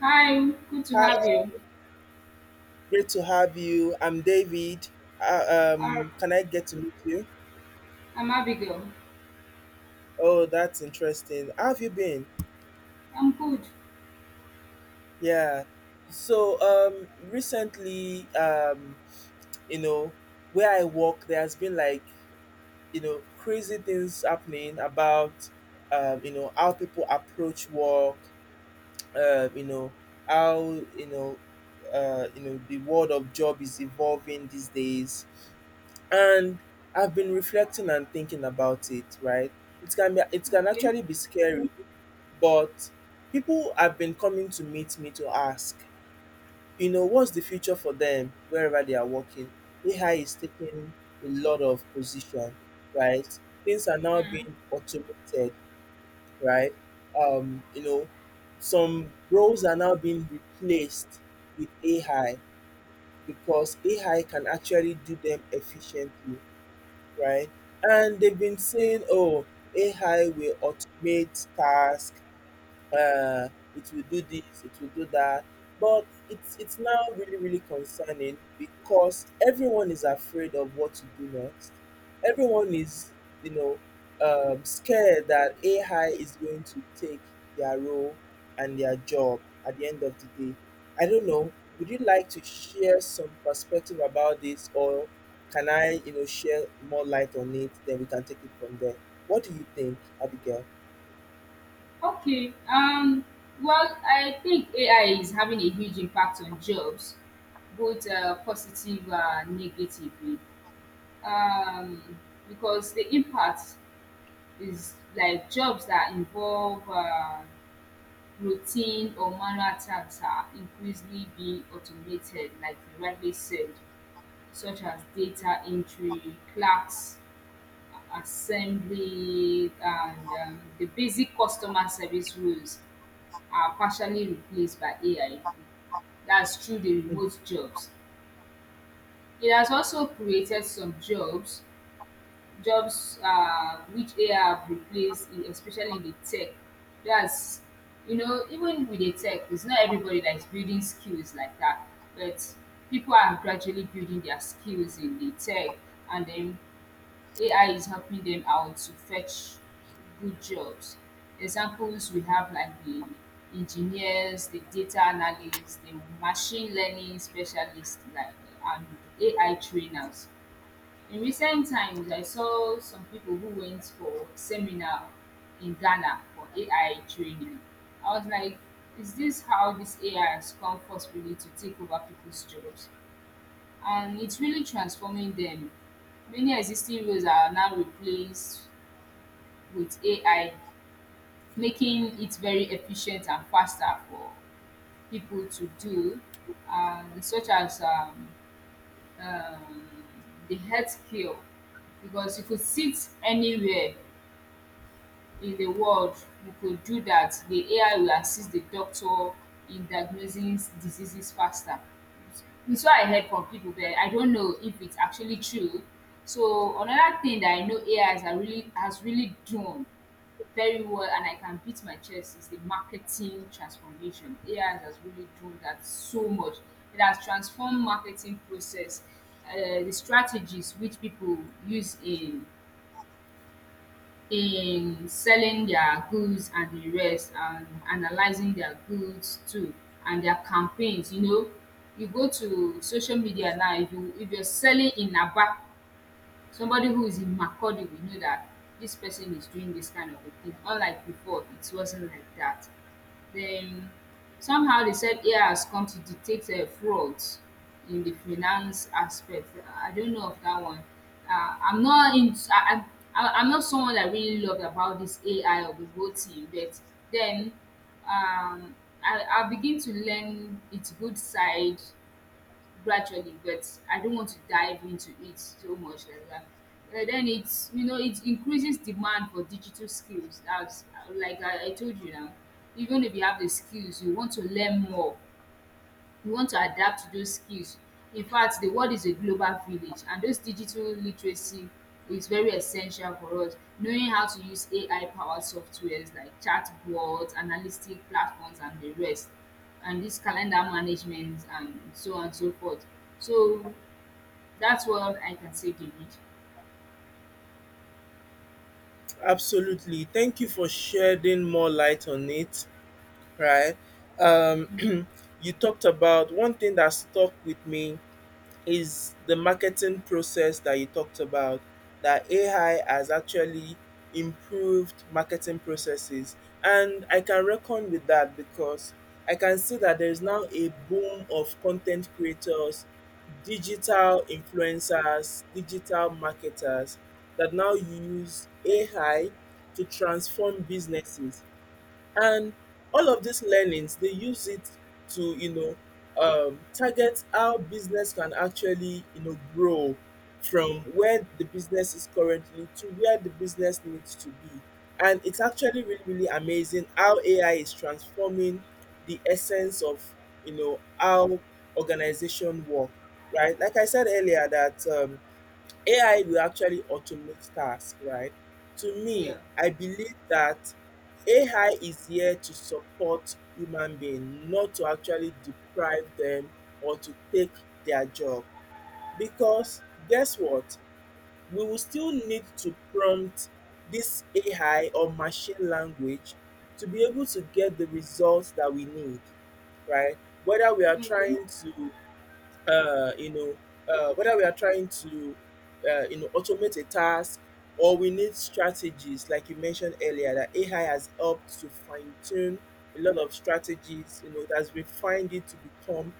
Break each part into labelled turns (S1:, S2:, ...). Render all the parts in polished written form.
S1: Hi, good to
S2: Hi,
S1: have you.
S2: great to have you. I'm David.
S1: Ar-
S2: Can I get to meet you?
S1: I'm Abigail.
S2: Oh, that's interesting. How have you been?
S1: I'm good.
S2: Yeah. So, recently, you know, where I work, there has been like, crazy things happening about how people approach work, uh, you know, how, you know, the world of job is evolving these days. And I've been reflecting and thinking about it, right? It can
S1: Okay.
S2: actually be scary, but people have been coming to meet me to ask what's the future for them wherever they are working? AI is taking a lot of position, right? Things are now
S1: Mm,
S2: being automated, right? Um, you know, some roles are now being replaced with AI because AI can actually do them efficiently, right? And they've been
S1: yeah.
S2: saying, oh, AI will automate tasks, uh, it will do this, it will do that. But it's now really really concerning because everyone is afraid of what to do next. Everyone is you know scared that AI is going to take their role and their job at the end of the day. I don't know. Would you like to share some perspective about this, or can I share more light on it? Then we can take it from there. What do you think, Abigail?
S1: Okay. Well, I think AI is having a huge impact on jobs, both positive and negatively. Um, because the impact is like jobs that involve routine or manual tasks are increasingly being automated, like you rightly said, such as data entry, clerks assembly and the basic customer service roles are partially replaced by AI. That's through the
S2: Hmm.
S1: remote jobs. It has also created some jobs, jobs which AI have replaced, especially in the tech. That's, Even with the tech, it's not everybody that is building skills like that, but people are gradually building their skills in the tech and then AI is helping them out to fetch good jobs. Examples we have like the engineers, the data analysts, the machine learning specialists, like and AI trainers. In recent times, I saw some people who went for seminar in Ghana for AI training. I was like, is this how this AI has come forcefully to take over people's jobs? And it's really transforming them. Many existing roles are now replaced with AI, making it very efficient and faster for people to do, such as um, the healthcare, because you could sit anywhere in the world you could do that the AI will assist the doctor in diagnosing diseases faster. It's what I heard from people, but I don't know if it's actually true. So another thing that I know AI has are really has really done very well and I can beat my chest is the marketing transformation. AI has really done that so much. It has transformed marketing process, the strategies which people use in selling their goods and the rest and analyzing their goods too and their campaigns, you know, you go to social media now, if you if you're selling in aba, somebody who is in Macaulay, we know that this person is doing this kind of a thing. Unlike before, it wasn't like that. Then somehow they said AI has come to detect frauds in the finance aspect. I don't know of that one. I'm not in. I'm not someone that really loved about this AI or the whole thing. But then um, I begin to learn its good side gradually, but I don't want to dive into it so much eh, like that. Then it's, you know, it increases demand for digital skills. That's like I told you now. Even if you have the skills, you want to learn more, we want to adapt to those skills. In fact, the world is a global village, and those digital literacy is very essential for us. Knowing how to use AI powered softwares like chatbots, analytic platforms, and the rest, and this calendar management, and so on and so forth. So that's what I can say, David.
S2: Absolutely. Thank you for shedding more light on it, right? Um, you talked about one thing that stuck with me is the marketing process that you talked about, that AI has actually improved marketing processes. And I can reckon with that, because I can see that there is now a boom of content creators, digital influencers, digital marketers that now use AI to transform businesses, and all of these learnings they use it to target how business can actually grow from where the business is currently to where the business needs to be. And it's actually really really amazing how AI is transforming the essence of how organization work. Right like i said earlier that um, AI will actually automate tasks, right? To me,
S1: Yeah.
S2: I believe that AI is here to support human being, not to actually deprive them or to take their job. Because guess what? We will still need to prompt this AI or machine language to be able to get the results that we need, right? Whether we are
S1: Okay.
S2: trying to you know, whether we are trying to, automate a task, or we need strategies, like you mentioned earlier, that AI has helped to fine tune a lot of strategies. You know, it has refined it to become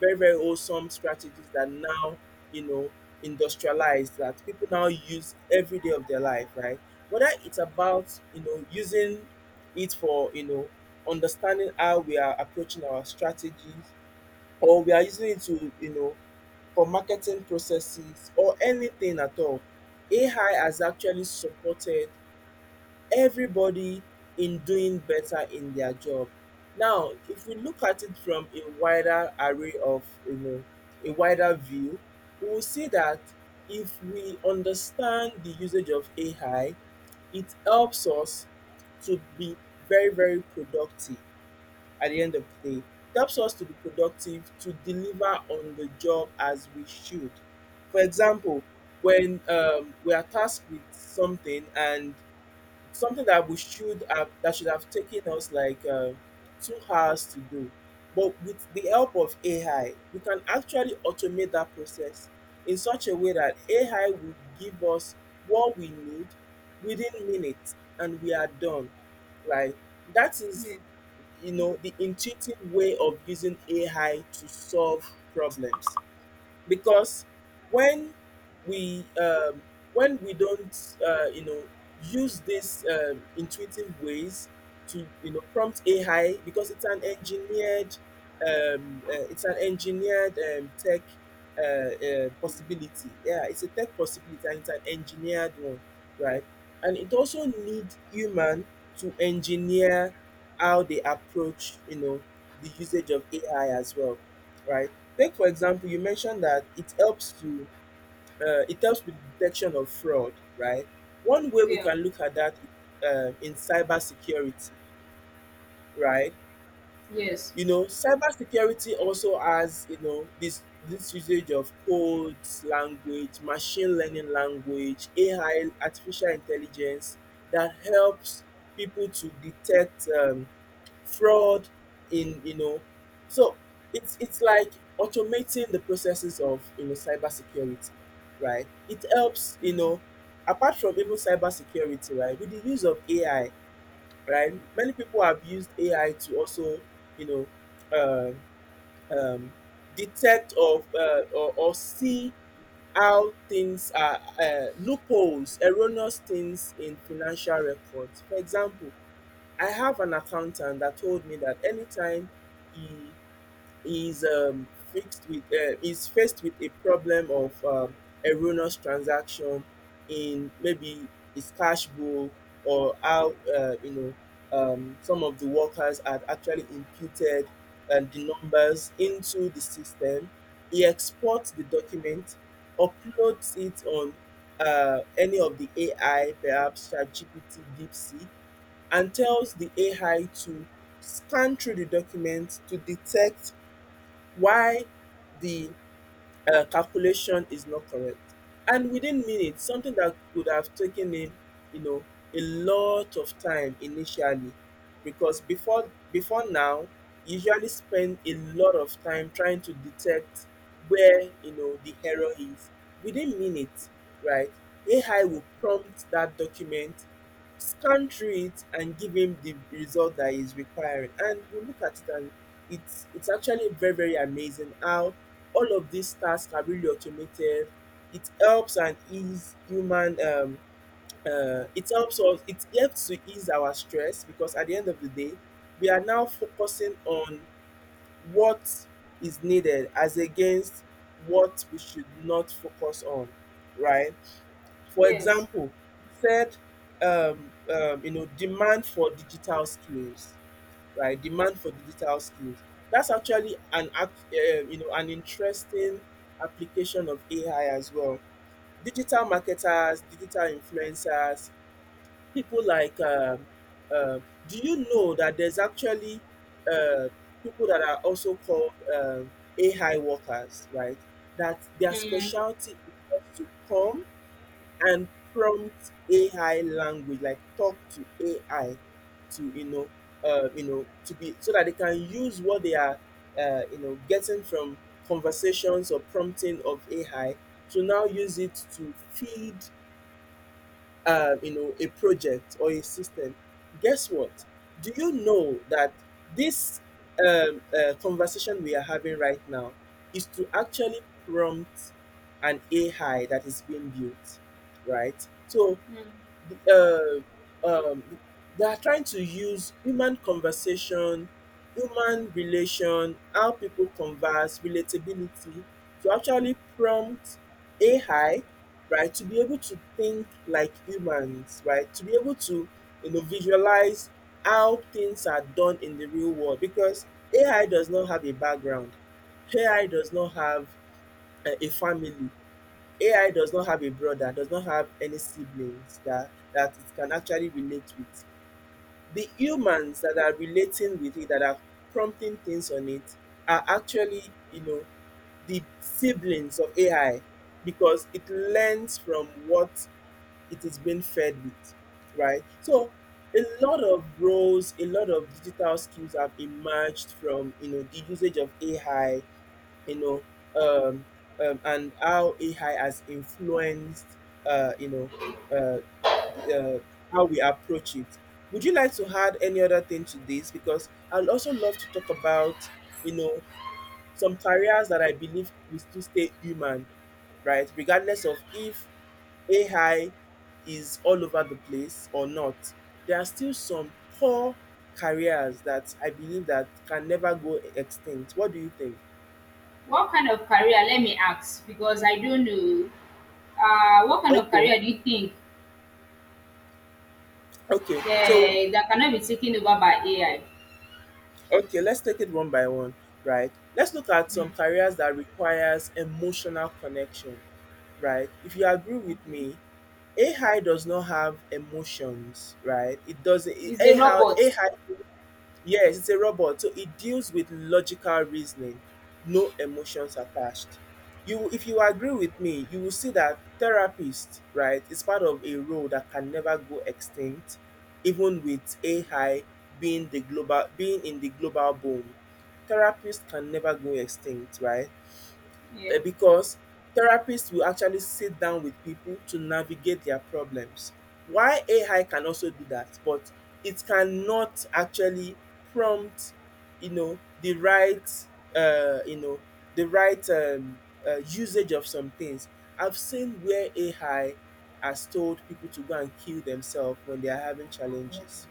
S2: very, very awesome strategies that now, you know, industrialized, that people now use every day of their life, right? Whether it's about, using it for, understanding how we are approaching our strategies, or we are using it to, for marketing processes or anything at all. AI has actually supported everybody in doing better in their job. Now, if we look at it from a wider array of, a wider view, we will see that if we understand the usage of AI, it helps us to be very, very productive at the end of the day. It helps us to be productive, to deliver on the job as we should. For example, when we are tasked with something, and something that should have taken us like 2 hours to do, but with the help of AI we can actually automate that process in such a way that AI will give us what we need within minutes, and we are done, right? That
S1: Yeah.
S2: is the intuitive way of using AI to solve problems. Because when we um, when we don't use these intuitive ways to prompt AI, because it's an engineered, it's an engineered tech uh, possibility. Yeah, it's a tech possibility, and it's an engineered one, right? And it also need human to engineer how they approach, the usage of AI as well, right? Take for example, you mentioned that it helps with detection of fraud, right? One way we
S1: Yeah.
S2: can look at that, in cybersecurity, right?
S1: Yes.
S2: You know, cybersecurity also has, this usage of codes, language, machine learning language, AI, artificial intelligence, that helps people to detect fraud in, so it's like automating the processes of cybersecurity, right? It helps, you
S1: Mm.
S2: know apart from even cybersecurity, right? With the use of AI, right? Many people have used AI to also, you know, um um, detect or, or see how things are, loopholes, erroneous things in financial records. For example, I have an accountant that told me that anytime he is faced with a problem of erroneous transaction, in maybe his cash book, or how some of the workers had actually imputed the numbers into the system. He exports the document, uploads it on any of the AI, perhaps ChatGPT, DeepSeek, and tells the AI to scan through the document to detect why the calculation is not correct. And within minutes, something that could have taken him, you know, a lot of time initially, because before now, he usually spend a lot of time trying to detect where, the error is. Within minutes, right? AI will prompt that document, scan through it, and give him the result that he's requiring. And we look at it, and it's actually very, very amazing how all of these tasks are really automated. It helps and ease human, it helps to ease our stress, because at the end of the day we are now focusing on what is needed, as against what we should not focus on, right? For
S1: Yes.
S2: example, you said demand for digital skills, right? Demand for digital skills. That's actually an act, you know an interesting application of AI as well. Digital marketers, digital influencers, people like. Uh, do you know that there's actually uh, people that are also called AI workers, right? That their
S1: Mm.
S2: specialty is just to come and prompt AI language, like talk to AI to you know, to be so that they can use what they are, getting from conversations or prompting of AI, to now use it to feed a project or a system, guess what? Do you know that this conversation we are having right now is to actually prompt an AI that is being built, right? So
S1: Mm.
S2: the, uh, um, they are trying to use human conversation, human relation, how people converse, relatability, to actually prompt AI, right, to be able to think like humans, right, to be able to, visualize how things are done in the real world, because AI does not have a background. AI does not have a family. AI does not have a brother, does not have any siblings that it can actually relate with. The humans that are relating with it, that are prompting things on it, are actually, the siblings of AI, because it learns from what it is being fed with, right? So a lot of roles, a lot of digital skills have emerged from the usage of AI, you know, um, and how AI has influenced, uh, you know, uh, the- uh, how we approach it. Would you like to add any other thing to this? Because I'd also love to talk about, you know, some careers that I believe will still stay human, right? Regardless of if AI is all over the place or not, there are still some core careers that I believe that can never go extinct. What do you think?
S1: What kind of career? Let me ask because I don't know. What kind of
S2: Okay.
S1: career do you think
S2: Okay, so
S1: that cannot be taken over by AI?
S2: okay, let's take it one by one, right? Let's look at some
S1: Mm,
S2: careers that requires emotional connection, right? If you agree with
S1: okay.
S2: me, AI does not have emotions, right? It doesn't.
S1: It's a
S2: AI,
S1: robot.
S2: AI Yes, it's a robot. So it deals with logical reasoning, no emotions attached. You, if you agree with me, you will see that therapist, right, is part of a role that can never go extinct, even with AI being the global being in the global boom. Therapists can never go extinct, right? eh,
S1: Yeah.
S2: because therapists will actually sit down with people to navigate their problems. Why AI can also do that, but it cannot actually prompt, the right, you know, the right usage of some things. I've seen where AI has told people to go and kill themselves when they are having challenges,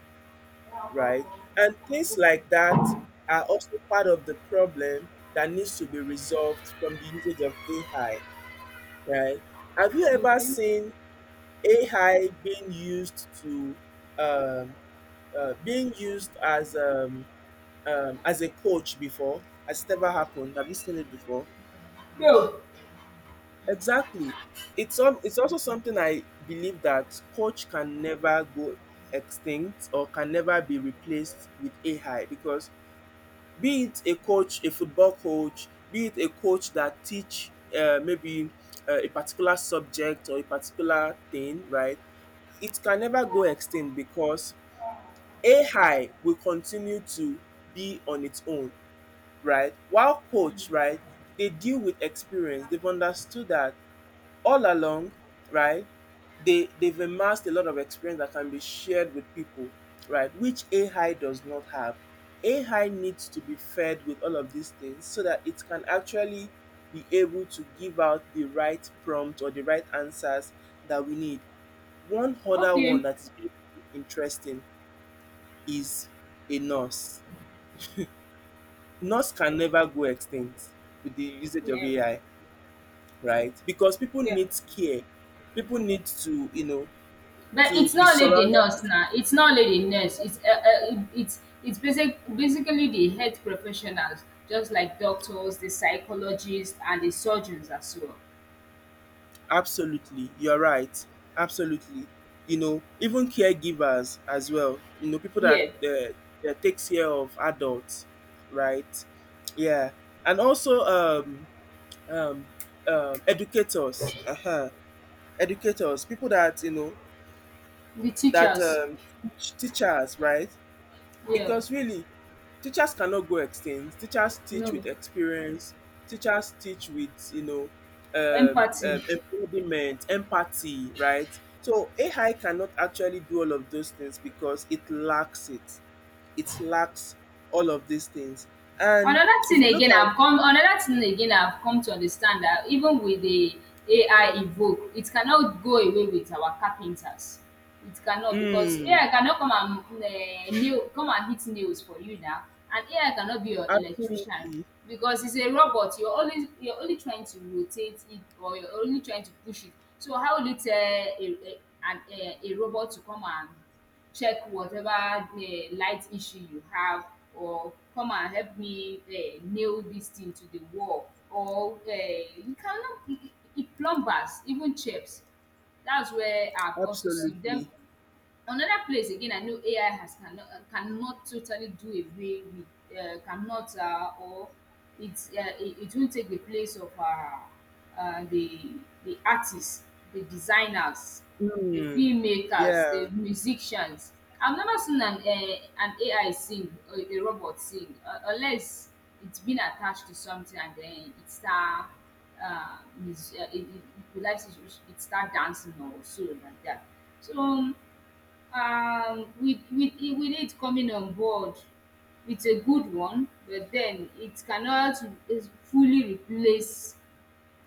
S2: right? And things like that are also part of the problem that needs to be resolved from the usage of AI, right? Have you ever
S1: Okay.
S2: seen AI being used to um, being used as a coach before? Has it ever happened? Have you seen it before?
S1: So,
S2: Exactly. It's also something I believe that coach can never go extinct or can never be replaced with AI, because be it a coach, a football coach, be it a coach that teach maybe a particular subject or a particular thing, right? It can never go extinct because AI will continue to be on its own, right? While coach, right, they deal with experience. They've understood that all along, right, they've amassed a lot of experience that can be shared with people, right, which AI does not have. AI needs to be fed with all of these things so that it can actually be able to give out the right prompt or the right answers that we need. One other one
S1: okay.
S2: that is really interesting is a nurse. Nurse can never go extinct with the usage of
S1: Yeah.
S2: AI, right? Because people
S1: Yeah.
S2: need care, people need to, you know,
S1: But
S2: to
S1: it's
S2: be
S1: not only the
S2: surrounded.
S1: nurse now. It's not only the nurse. It's basic, basically the health professionals, just like doctors, the psychologists, and the surgeons as well.
S2: Absolutely, you're right. Absolutely, you know, even caregivers as well, you know, people that
S1: Yeah.
S2: that takes care of adults, right? Yeah. And also um, educators. Uh-huh. Educators, people that, you know,
S1: The
S2: that
S1: teachers.
S2: teachers, right?
S1: Yeah.
S2: Because really, teachers cannot go extinct. Teachers teach
S1: No.
S2: with experience. Teachers teach with, you know,
S1: Empathy.
S2: embodiment, empathy, right? So AI cannot actually do all of those things because it lacks it. It lacks all of these things. And if you look at,
S1: Another thing again I've come to understand that even with the AI evoke, it cannot go away with our carpenters. It cannot because
S2: mm,
S1: AI cannot come and nail, come and hit nails for you now, and AI cannot be your electrician
S2: absolutely,
S1: because it's a robot. You're only trying to rotate it or you're only trying to push it. So how will you tell a an a robot to come and check whatever light issue you have, or come and help me nail this thing to the wall, or you cannot I- I- plumbers, even chefs, that's where I've also seen them.
S2: absolutely,
S1: Another place again I know AI has cannot cannot totally do away with cannot or it's it, it won't take the place of uh, the the artists, the designers, the
S2: mm,
S1: filmmakers,
S2: yeah,
S1: the musicians. I've never seen an AI sing or a robot sing unless it's been attached to something and then it start it start dancing or so like that. So. With it coming on board, it's a good one, but then it cannot is fully replace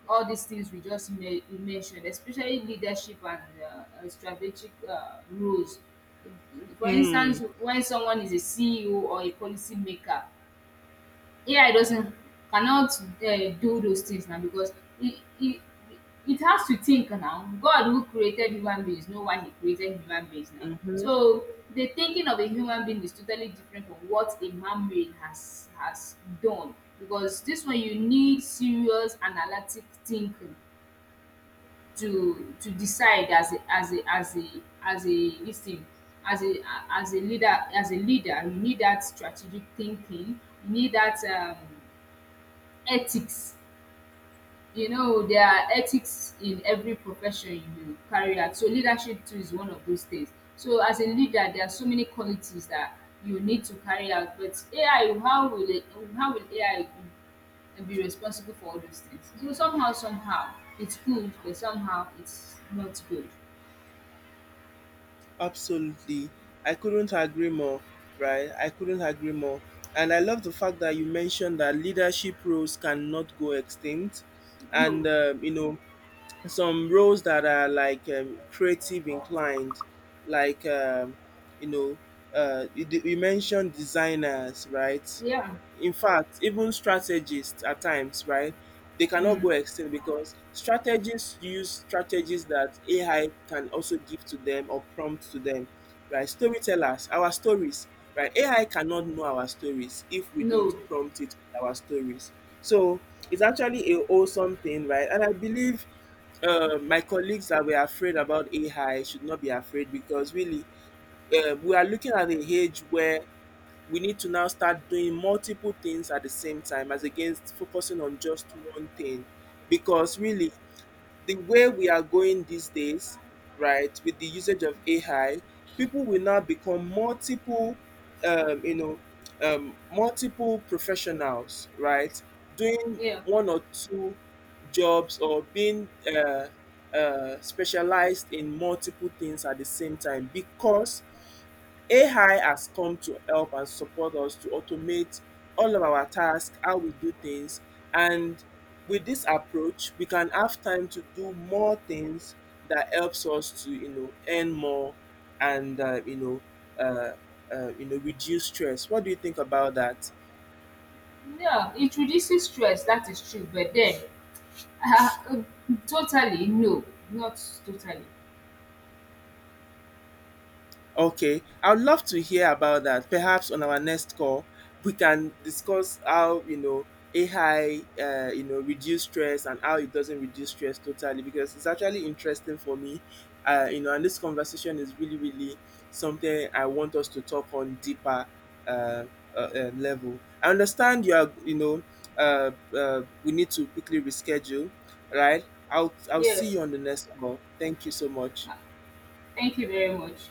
S1: all these things we just me mentioned, especially leadership and strategic roles. For
S2: mm,
S1: instance, when someone is a CEO or a policy maker, AI doesn't cannot do those things now, because it it has to think now. God who created human beings know why he created human beings now.
S2: mhm.
S1: So the thinking of a human being is totally different from what a man-made has done, because this one you need serious analytic thinking to decide as a as a as a as a this thing as a as a leader. As a leader, you need that strategic thinking, you need that ethics. You know, there are ethics in every profession you carry out, so leadership too is one of those things. So as a leader, there are so many qualities that you need to carry out, but AI, how will it, how will AI be responsible for all those things? So somehow, somehow, it's good, but somehow it's not good.
S2: Absolutely. I couldn't agree more, right? I couldn't agree more. And I love the fact that you mentioned that leadership roles cannot go extinct. And,
S1: No.
S2: you know, some roles that are like creative inclined, like you know, you mentioned designers, right?
S1: Yeah.
S2: In fact, even strategists at times, right, they cannot
S1: Mm.
S2: go extinct because strategists use strategies that AI can also give to them or prompt to them, right? Storytellers, our stories, right? AI cannot know our stories if we
S1: No.
S2: don't prompt it with our stories. So it's actually a wholesome thing, right? And I believe my colleagues that were afraid about AI should not be afraid because really, we are looking at an age where we need to now start doing multiple things at the same time as against focusing on just one thing, because really, the way we are going these days, right, with the usage of AI, people will now become multiple, you know, multiple professionals, right, doing
S1: Yeah.
S2: one or two jobs or being uh, specialized in multiple things at the same time, because AI has come to help and support us to automate all of our tasks, how we do things. And with this approach, we can have time to do more things that helps us to, you know, earn more and, uh, you know, reduce stress. What do you think about that?
S1: Yeah, it reduces stress, that is true, but then totally no, not totally.
S2: Okay, I would love to hear about that. Perhaps on our next call, we can discuss how, you know, AI, you know, reduce stress and how it doesn't reduce stress totally. Because it's actually interesting for me, you know, and this conversation is really, really something I want us to talk on deeper uh, level. I understand you are, you know, uh, we need to quickly reschedule, right? I'll see
S1: Yes,
S2: you on the next call. Thank you so much.
S1: thank you very much.